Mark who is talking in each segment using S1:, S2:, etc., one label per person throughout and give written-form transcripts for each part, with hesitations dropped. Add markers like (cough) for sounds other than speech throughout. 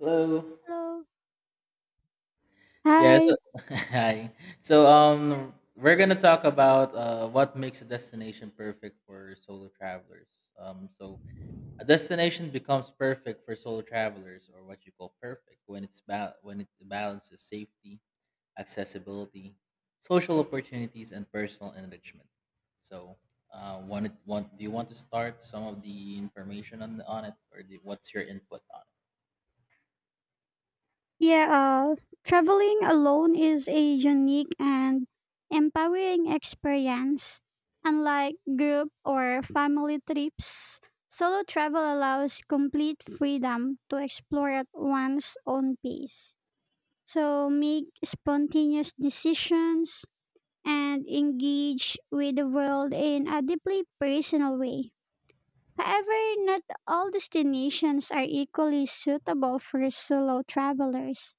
S1: Hello.
S2: Hello.
S1: Yeah, so
S2: Hi.
S1: (laughs) hi. So we're gonna talk about what makes a destination perfect for solo travelers. So a destination becomes perfect for solo travelers or what you call perfect when it balances safety, accessibility, social opportunities and personal enrichment. So want do you want to start some of the information on it what's your input on it?
S2: Yeah, uh, Traveling alone is a unique and empowering experience. Unlike group or family trips, solo travel allows complete freedom to explore at one's own pace. So make spontaneous decisions and engage with the world in a deeply personal way. However, not all destinations are equally suitable for solo travelers.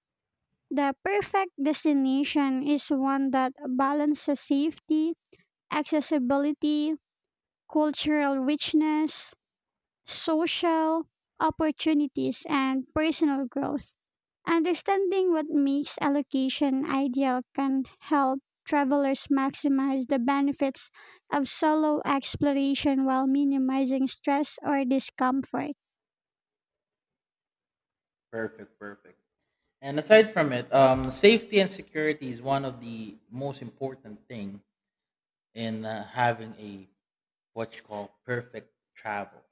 S2: The perfect destination is one that balances safety, accessibility, cultural richness, social opportunities, and personal growth. Understanding what makes a location ideal can help travelers maximize the benefits of solo exploration while minimizing stress or discomfort.
S1: Perfect, perfect. And aside from it, safety and security is one of the most important thing in having a what you call perfect travel.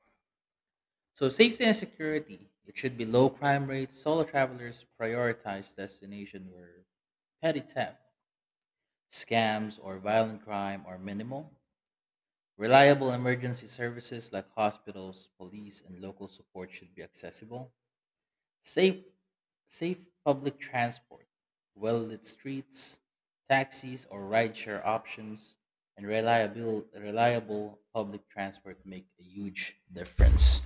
S1: So safety and security, it should be low crime rates. Solo travelers prioritize destination where petty theft, scams, or violent crime are minimal. Reliable emergency services like hospitals, police, and local support should be accessible. Safe, safe public transport, well lit streets, taxis or rideshare options, and reliable public transport make a huge difference.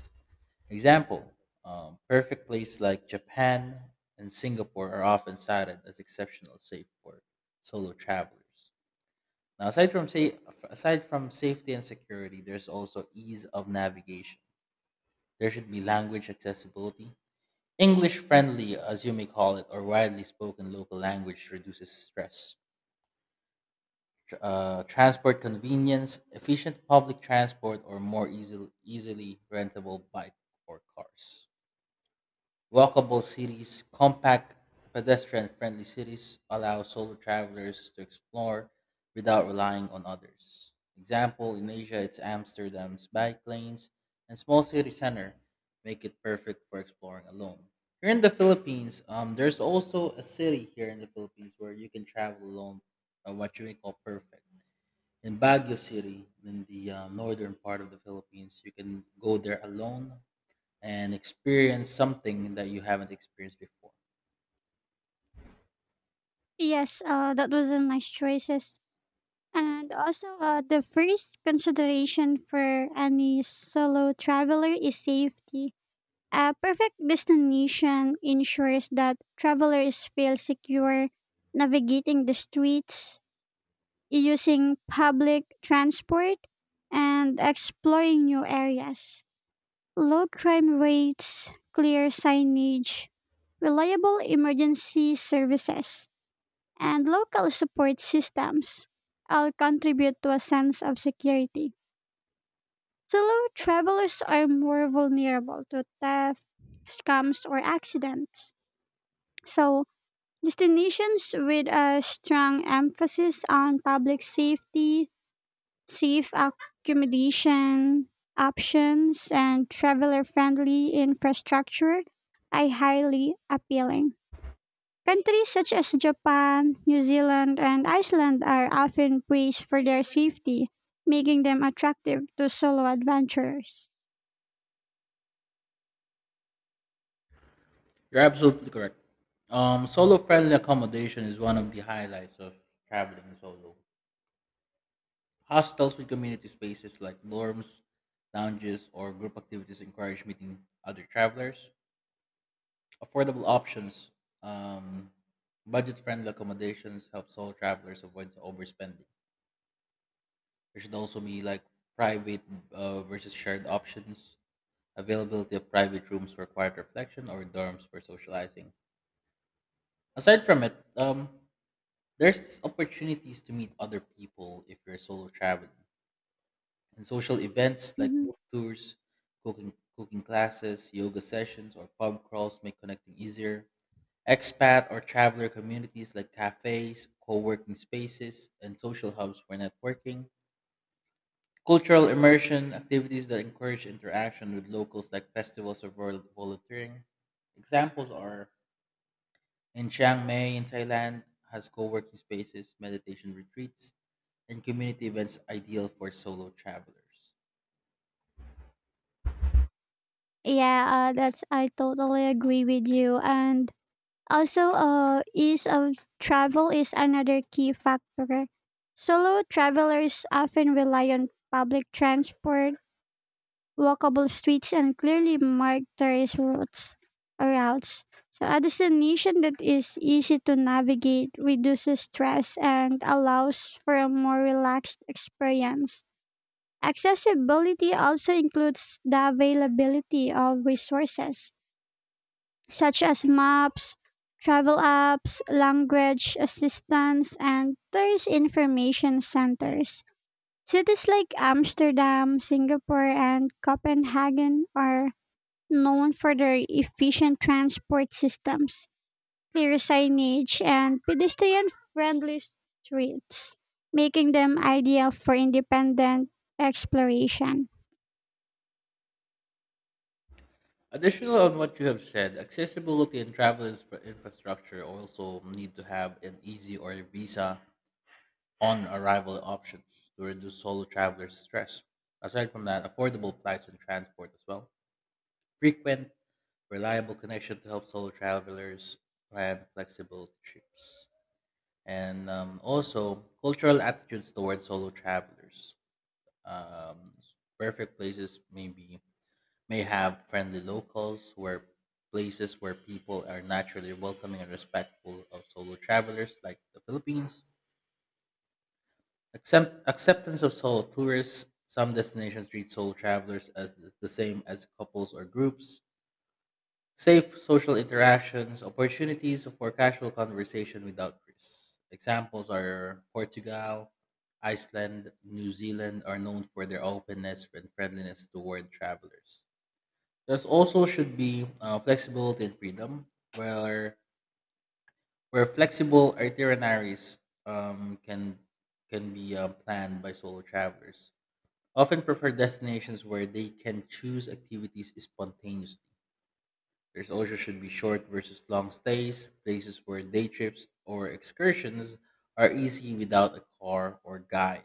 S1: Example perfect places like Japan and Singapore are often cited as exceptional safe for solo travelers. Now, aside from safety and security, there's also ease of navigation. There should be language accessibility, English friendly, as you may call it, or widely spoken local language reduces stress. Transport convenience, efficient public transport, or more easily rentable bike or cars. Walkable cities, compact, pedestrian friendly cities allow solo travelers to explore without relying on others. Example in Asia, it's Amsterdam's bike lanes and small city center make it perfect for exploring alone. Here in the Philippines, there's also a city here in the Philippines where you can travel alone, what you may call perfect. In Baguio City, in the northern part of the Philippines, you can go there alone and experience something that you haven't experienced before.
S2: Yes, that was a nice choices. The first consideration for any solo traveler is safety. A perfect destination ensures that travelers feel secure navigating the streets, using public transport, and exploring new areas. Low crime rates, clear signage, reliable emergency services, and local support systems all contribute to a sense of security. Solo travelers are more vulnerable to theft, scams, or accidents. So destinations with a strong emphasis on public safety, safe accommodation options, and traveler friendly infrastructure are highly appealing. Countries such as Japan, New Zealand, and Iceland are often praised for their safety, making them attractive to solo adventurers.
S1: You're absolutely correct. Solo friendly accommodation is one of the highlights of traveling solo. Hostels with community spaces like dorms, lounges, or group activities encourage meeting other travelers. Affordable options, um, budget friendly accommodations help solo travelers avoid overspending. There should also be like private versus shared options. Availability of private rooms for quiet reflection or dorms for socializing. Aside from it, there's opportunities to meet other people if you're solo traveling. And social events like
S2: Hmm.
S1: book tours, cooking classes, yoga sessions, or pub crawls make connecting easier. Expat or traveler communities like cafes, co-working spaces, and social hubs for networking. Cultural immersion activities that encourage interaction with locals like festivals or volunteering. Examples are: in Chiang Mai in Thailand has co-working spaces, meditation retreats, and community events ideal for solo travelers.
S2: Yeah, that's, I totally agree with you. Ease of travel is another key factor. Solo travelers often rely on public transport, walkable streets, and clearly marked tourist routes or routes. So a destination that is easy to navigate reduces stress and allows for a more relaxed experience. Accessibility also includes the availability of resources such as maps, travel apps, language assistance, and tourist information centers. Cities like Amsterdam, Singapore, and Copenhagen are known for their efficient transport systems, clear signage, and pedestrian friendly streets, making them ideal for independent exploration.
S1: Additional on what you have said, accessibility and travel infrastructure also need to have an easy or visa on arrival options to reduce solo travelers' stress. Aside from that, affordable flights and transport as well. Frequent, reliable connection to help solo travelers plan flexible trips. And also cultural attitudes towards solo travelers. Um, perfect places maybe may have friendly locals where places where people are naturally welcoming and respectful of solo travelers, like the Philippines. Acceptance of solo tourists. Some destinations treat solo travelers as the same as couples or groups. Safe social interactions, opportunities for casual conversation without risks. Examples are Portugal, Iceland, New Zealand are known for their openness and friendliness toward travelers. There's also should be flexibility and freedom, where where flexible itineraries um, can can be planned by solo travelers. Often prefer destinations where they can choose activities spontaneously. There's also should be short versus long stays, places where day trips or excursions are easy without a car or guide.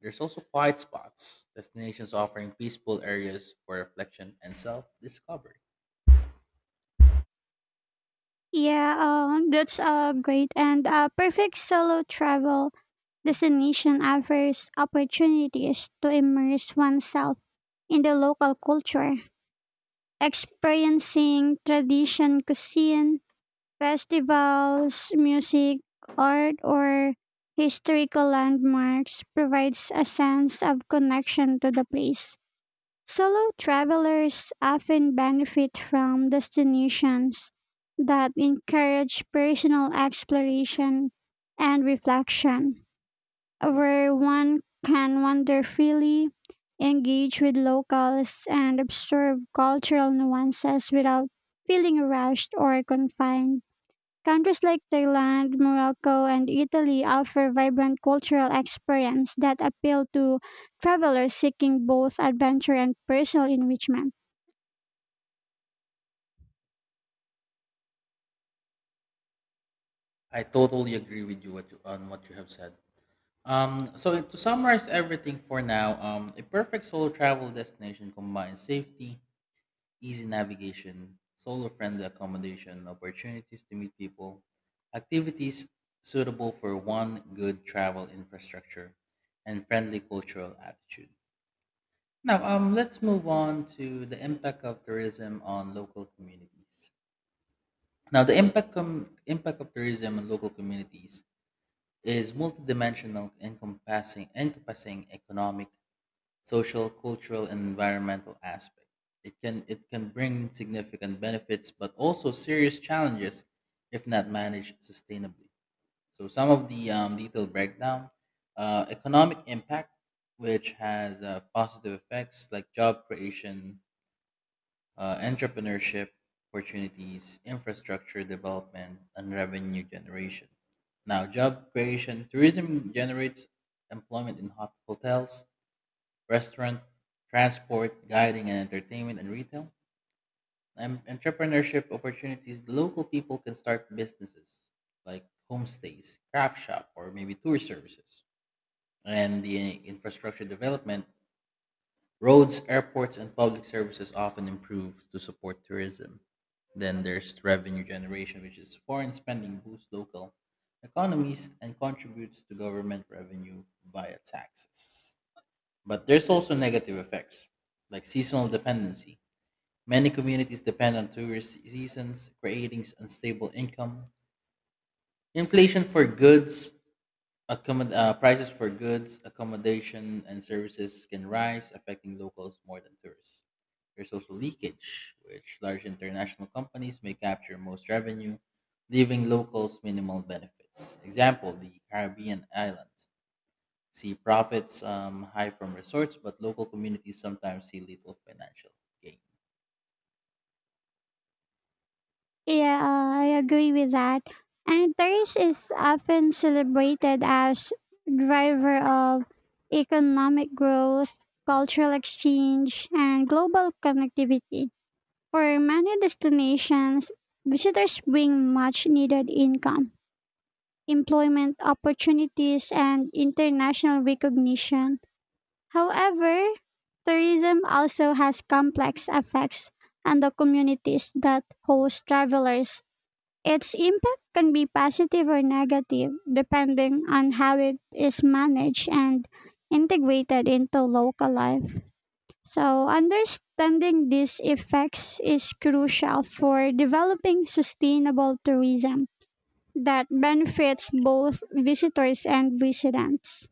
S1: There's also quiet spots, destinations offering peaceful areas for reflection and self-discovery.
S2: Yeah, that's a great, and a perfect solo travel destination offers opportunities to immerse oneself in the local culture, experiencing tradition, cuisine, festivals, music, art, or historical landmarks provides a sense of connection to the place. Solo travelers often benefit from destinations that encourage personal exploration and reflection, where one can wander freely, engage with locals, and observe cultural nuances without feeling rushed or confined. Countries like Thailand, Morocco, and Italy offer vibrant cultural experiences that appeal to travelers seeking both adventure and personal enrichment.
S1: I totally agree with you on what you have said. So to summarize everything for now, a perfect solo travel destination combines safety, easy navigation, solar friendly accommodation, opportunities to meet people, activities suitable for one good travel infrastructure, and friendly cultural attitude. Now, let's move on to the impact of tourism on local communities. Now, the impact of tourism on local communities is multidimensional, encompassing economic, social, cultural, and environmental aspect. It can bring significant benefits, but also serious challenges if not managed sustainably. So some of the detailed breakdown: economic impact, which has positive effects like job creation, entrepreneurship opportunities, infrastructure development, and revenue generation. Now, job creation, tourism generates employment in hotels, restaurant, transport, guiding and entertainment and retail, and entrepreneurship opportunities, local people can start businesses like homestays, craft shop, or maybe tour services. And the infrastructure development, roads, airports, and public services often improve to support tourism. Then there's revenue generation, which is foreign spending boosts local economies and contributes to government revenue via taxes. But there's also negative effects, like seasonal dependency. Many communities depend on tourist seasons, creating unstable income. Inflation for goods, prices for goods, accommodation, and services can rise, affecting locals more than tourists. There's also leakage, which large international companies may capture most revenue, leaving locals minimal benefits. Example, the Caribbean islands see profits high from resorts, but local communities sometimes see little financial gain.
S2: Yeah, I agree with that. And Paris is often celebrated as driver of economic growth, cultural exchange, and global connectivity. For many destinations, visitors bring much needed income, employment opportunities, and international recognition. However, tourism also has complex effects on the communities that host travelers. Its impact can be positive or negative depending on how it is managed and integrated into local life. So understanding these effects is crucial for developing sustainable tourism that benefits both visitors and residents.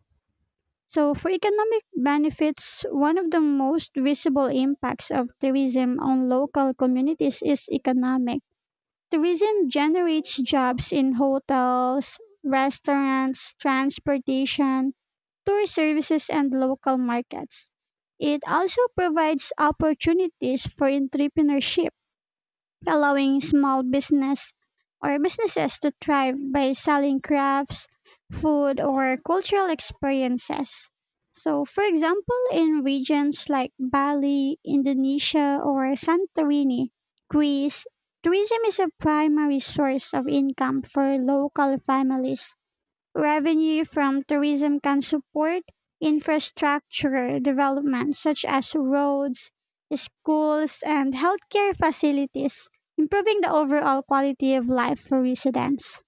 S2: So, for economic benefits, one of the most visible impacts of tourism on local communities is economic. Tourism generates jobs in hotels, restaurants, transportation, tour services, and local markets. It also provides opportunities for entrepreneurship, allowing small business or businesses to thrive by selling crafts, food, or cultural experiences. So, for example, in regions like Bali, Indonesia, or Santorini, Greece, tourism is a primary source of income for local families. Revenue from tourism can support infrastructure development such as roads, schools, and healthcare facilities, improving the overall quality of life for residents.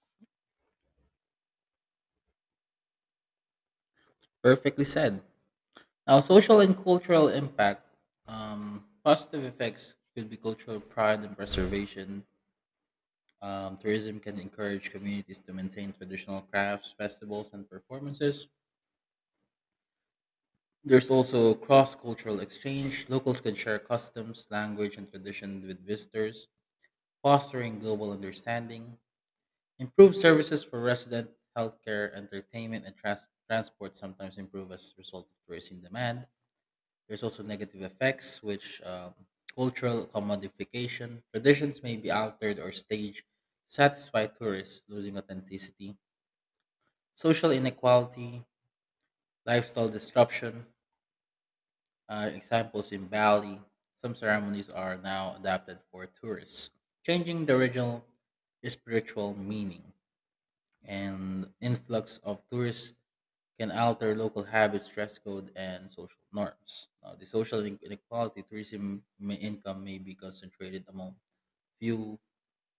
S1: Perfectly said. Now, social and cultural impact. Positive effects could be cultural pride and preservation. Tourism can encourage communities to maintain traditional crafts, festivals, and performances. There's also cross cultural exchange. Locals can share customs, language, and tradition with visitors, fostering global understanding. Improved services for resident healthcare, entertainment, and transport sometimes improve as a result of tourism demand. There's also negative effects, which cultural commodification, traditions may be altered or staged to satisfy tourists, losing authenticity. Social inequality, lifestyle disruption, examples in Bali, some ceremonies are now adapted for tourists, changing the original spiritual meaning and influx of tourists can alter local habits, dress code, and social norms. Now, the social inequality tourism may income may be concentrated among few,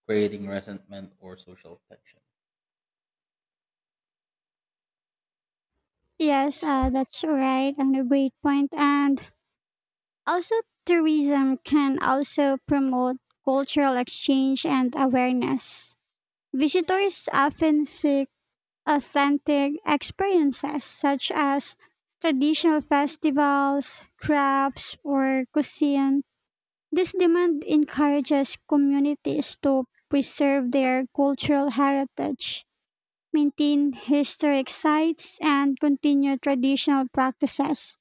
S1: creating resentment or social tension.
S2: Yes, that's right, and a great point. And also, tourism can also promote cultural exchange and awareness. Visitors often seek authentic experiences such as traditional festivals, crafts, or cuisine. This demand encourages communities to preserve their cultural heritage, maintain historic sites, and continue traditional practices.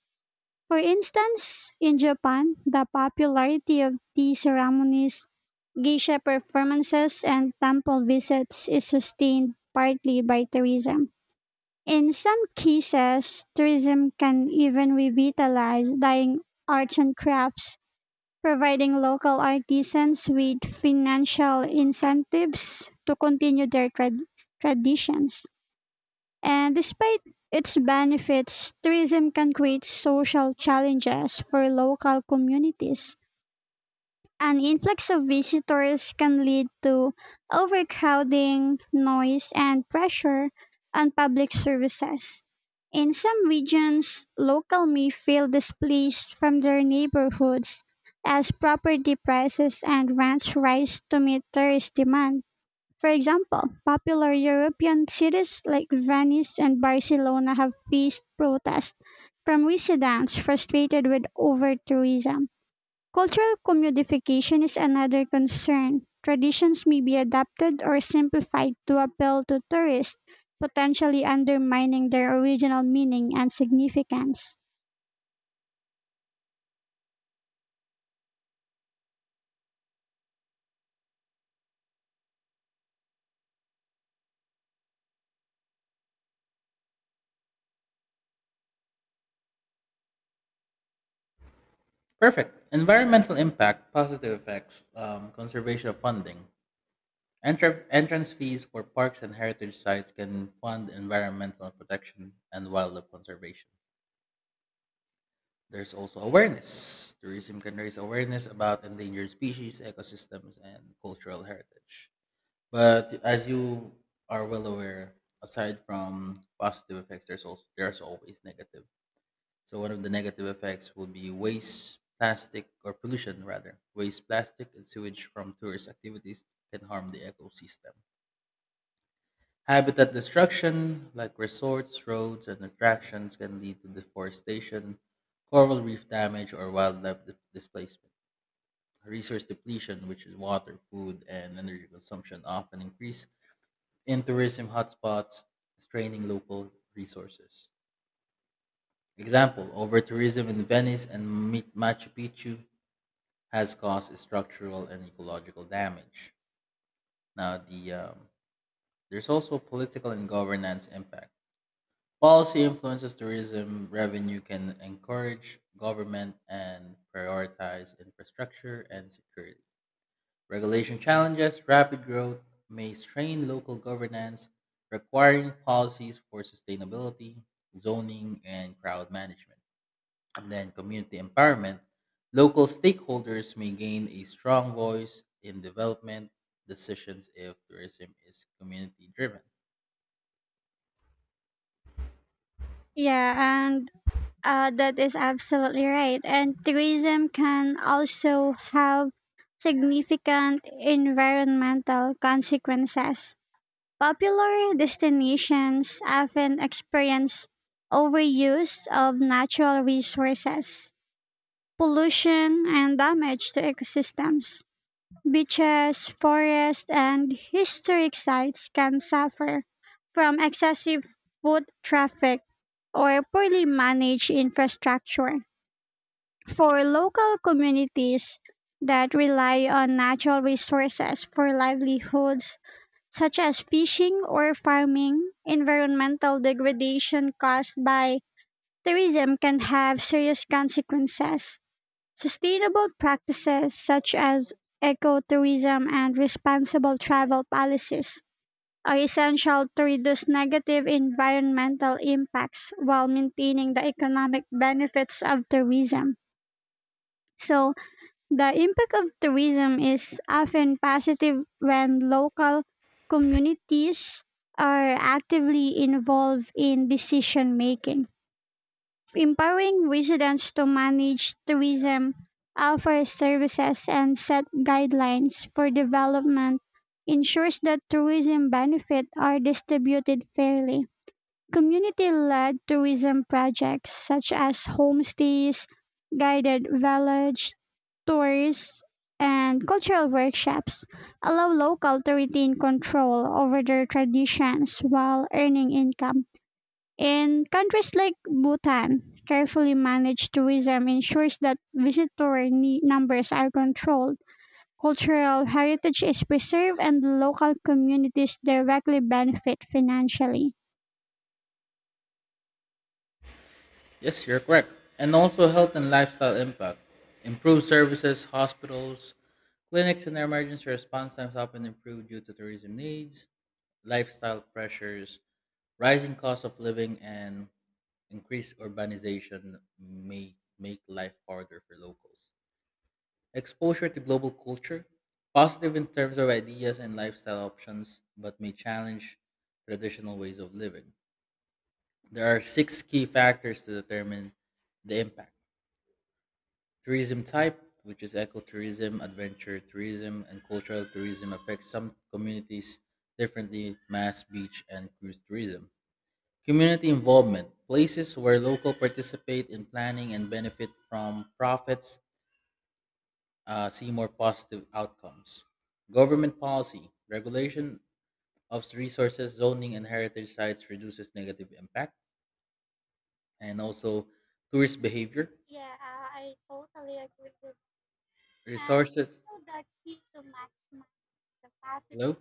S2: For instance, in Japan, the popularity of tea ceremonies, geisha performances, and temple visits is sustained partly by tourism. In some cases, tourism can even revitalize dying arts and crafts, providing local artisans with financial incentives to continue their traditions. And despite its benefits, tourism can create social challenges for local communities. An influx of visitors can lead to overcrowding, noise, and pressure on public services. In some regions, locals may feel displaced from their neighborhoods as property prices and rents rise to meet tourist demand. For example, popular European cities like Venice and Barcelona have faced protests from residents frustrated with over tourism. Cultural commodification is another concern. Traditions may be adapted or simplified to appeal to tourists, potentially undermining their original meaning and significance.
S1: Perfect. Environmental impact, positive effects, conservation of funding. Entrance fees for parks and heritage sites can fund environmental protection and wildlife conservation. There's also awareness. Tourism can raise awareness about endangered species, ecosystems, and cultural heritage. But as you are well aware, aside from positive effects, there's always negative. So one of the negative effects will be waste, plastic, or pollution rather. Waste, plastic, and sewage from tourist activities can harm the ecosystem. Habitat destruction, like resorts, roads, and attractions, can lead to deforestation, coral reef damage, or wildlife displacement. Resource depletion, which is water, food, and energy consumption, often increase in tourism hotspots, straining local resources. Example, over tourism in Venice and Machu Picchu has caused structural and ecological damage. Now, the there's also political and governance impact. Policy influences tourism revenue can encourage government and prioritize infrastructure and security. Regulation challenges rapid growth, may strain local governance, requiring policies for sustainability, zoning, and crowd management. And then community empowerment, local stakeholders may gain a strong voice in development decisions if tourism is community driven.
S2: Yeah, and That is absolutely right. And tourism can also have significant environmental consequences. Popular destinations often experience overuse of natural resources, pollution, and damage to ecosystems. Beaches, forests, and historic sites can suffer from excessive foot traffic or poorly managed infrastructure. For local communities that rely on natural resources for livelihoods, such as fishing or farming, environmental degradation caused by tourism can have serious consequences. Sustainable practices such as ecotourism and responsible travel policies are essential to reduce negative environmental impacts while maintaining the economic benefits of tourism. So, the impact of tourism is often positive when local communities are actively involved in decision making. Empowering residents to manage tourism, offer services, and set guidelines for development ensures that tourism benefits are distributed fairly. Community led tourism projects such as homestays, guided village tours, and cultural workshops allow local to retain control over their traditions while earning income. In countries like Bhutan, carefully managed tourism ensures that visitor numbers are controlled, cultural heritage is preserved, and local communities directly benefit financially.
S1: Yes, you're correct. And also health and lifestyle impact. Improved services, hospitals, clinics, and their emergency response times often improve due to tourism needs, lifestyle pressures, rising cost of living and increased urbanization may make life harder for locals. Exposure to global culture, positive in terms of ideas and lifestyle options, but may challenge traditional ways of living. There are six key factors to determine the impact. Tourism type, which is ecotourism, adventure tourism, and cultural tourism, affects some communities differently, mass beach and cruise tourism. Community involvement, places where local participate in planning and benefit from profits, see more positive outcomes. Government policy, regulation of resources, zoning, and heritage sites reduces negative impact, and also tourist behavior, resources. Hello?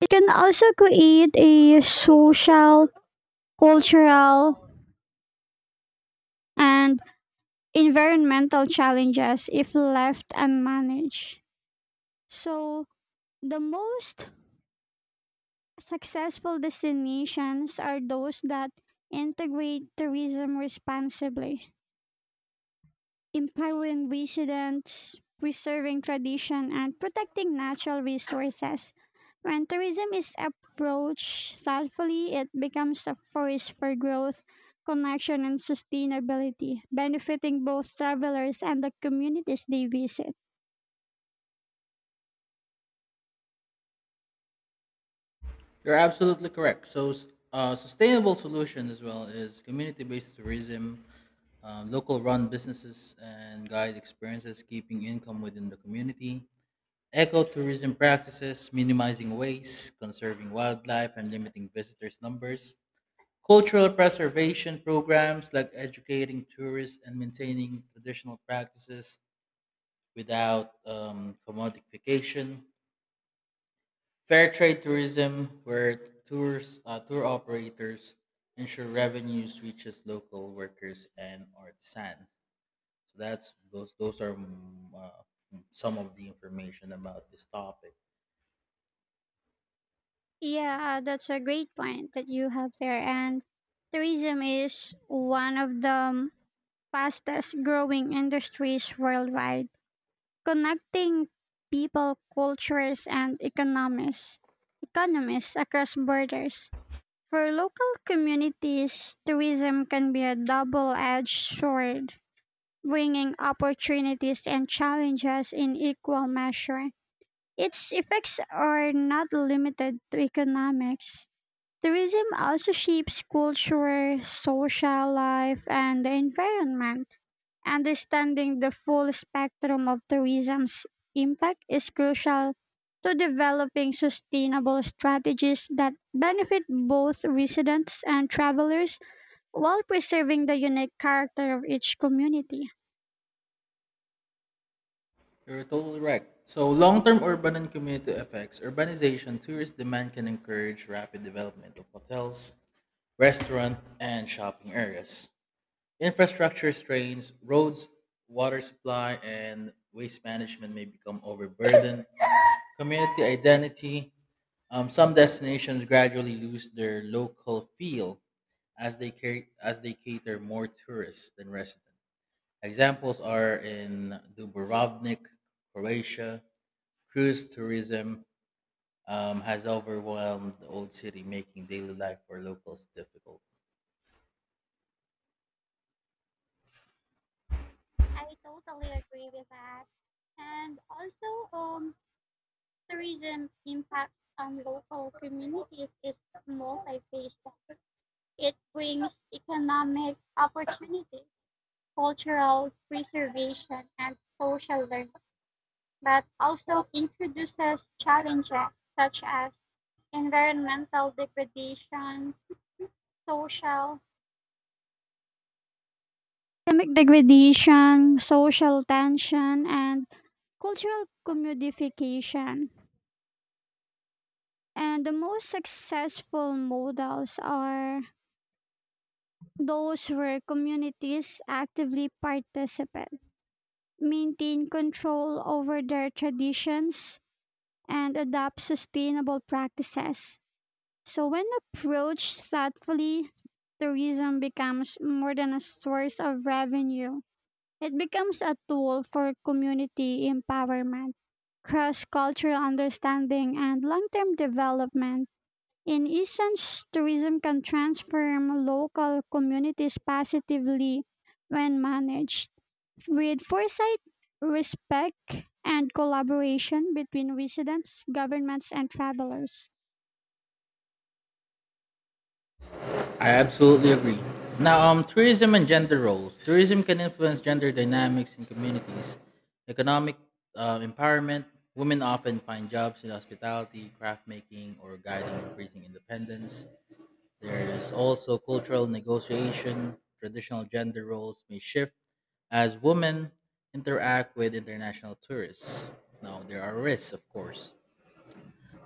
S2: It can also create a social, cultural, and environmental challenges if left unmanaged. So, the most successful destinations are those that integrate tourism responsibly, empowering residents, preserving tradition, and protecting natural resources. When tourism is approached thoughtfully, it becomes a force for growth, connection, and sustainability, benefiting both travelers and the communities they visit.
S1: You're absolutely correct. So, sustainable solution as well is community based tourism, local run businesses, and guide experiences, keeping income within the community. Ecotourism practices, minimizing waste, conserving wildlife, and limiting visitors' numbers. Cultural preservation programs like educating tourists and maintaining traditional practices without commodification. Fair trade tourism, where tour operators ensure revenues reaches local workers and artisan. So that's those. Those are some of the information about this topic.
S2: Yeah, that's a great point that you have there. And tourism is one of the fastest growing industries worldwide, connecting people, cultures, and economies across borders. For local communities, tourism can be a double edged sword, bringing opportunities and challenges in equal measure. Its effects are not limited to economics. Tourism also shapes culture, social life, and the environment. Understanding the full spectrum of tourism's impact is crucial to developing sustainable strategies that benefit both residents and travelers while preserving the unique character of each community.
S1: You're totally right. So, long term urban and community effects. Urbanization tourist demand can encourage rapid development of hotels, restaurant, and shopping areas. Infrastructure strains, roads, water supply, and waste management may become overburdened. Community identity. Some destinations gradually lose their local feel as they cater more tourists than residents. Examples are in Dubrovnik, Croatia, cruise tourism has overwhelmed the old city, making daily life for locals difficult.
S2: And local communities is multi-faced. It brings economic opportunities and social, economic degradation, social tension, and cultural commodification. And the most successful models are those where communities actively participate, maintain control over their traditions, and adopt sustainable practices. So, when approached thoughtfully, tourism becomes more than a source of revenue, it becomes a tool for community empowerment, cross cultural understanding, and long term development. In essence, tourism can transform local communities positively when managed with foresight, respect, and collaboration between residents, governments, and travelers.
S1: I absolutely agree. Now, tourism and gender roles. Tourism can influence gender dynamics in communities, economic empowerment. Women often find jobs in hospitality, craft making, or guiding increasing independence. There's also cultural negotiation. Traditional gender roles may shift as women interact with international tourists. Now, there are risks, of course.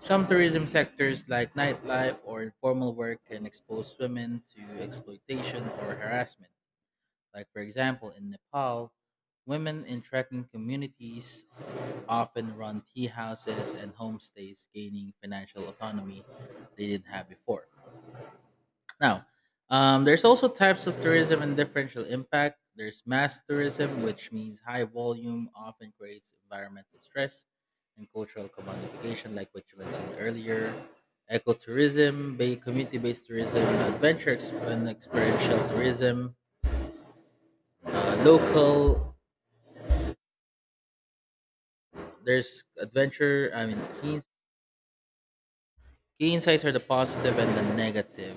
S1: Some tourism sectors, like nightlife or informal work, can expose women to exploitation or harassment. Like, for example, in Nepal, women in trekking communities often run tea houses and homestays, gaining financial autonomy they didn't have before. Now, there's also types of tourism and differential impact. There's mass tourism, which means high volume often creates environmental stress and cultural commodification, like what you mentioned earlier. Ecotourism, community-based tourism, adventure ex- and experiential tourism, local. There's adventure. I mean, key insights are the positive and the negative.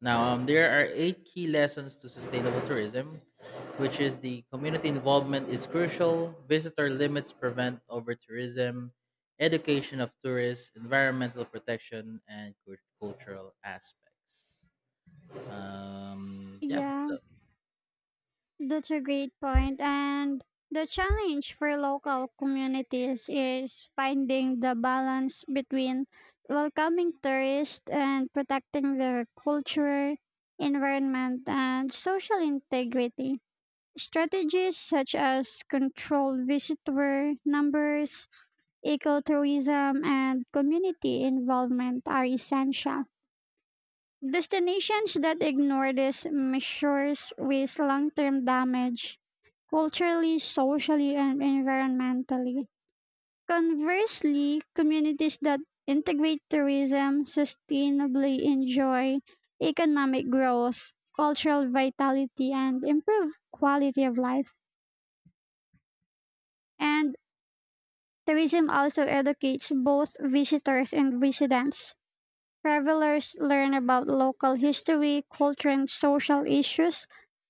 S1: Now, there are 8 key lessons to sustainable tourism, which is the community involvement is crucial, visitor limits prevent over tourism, education of tourists, environmental protection, and cultural aspects. Um, yeah,
S2: Yeah, that's a great point. And the challenge for local communities is finding the balance between welcoming tourists and protecting their culture, environment, and social integrity. Strategies such as controlled visitor numbers, ecotourism, and community involvement are essential. Destinations that ignore these measures risk long term damage culturally, socially, and environmentally. Conversely, communities that integrate tourism sustainably enjoy economic growth, cultural vitality, and improved quality of life. And tourism also educates both visitors and residents. Travelers learn about local history, culture, and social issues,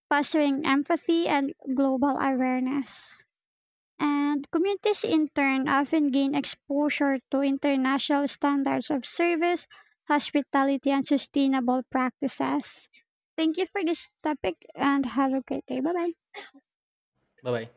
S2: fostering empathy and global awareness. And communities, in turn, often gain exposure to international standards of service, hospitality, and sustainable practices. Thank you for this topic and have a great day. Bye bye.
S1: bye bye.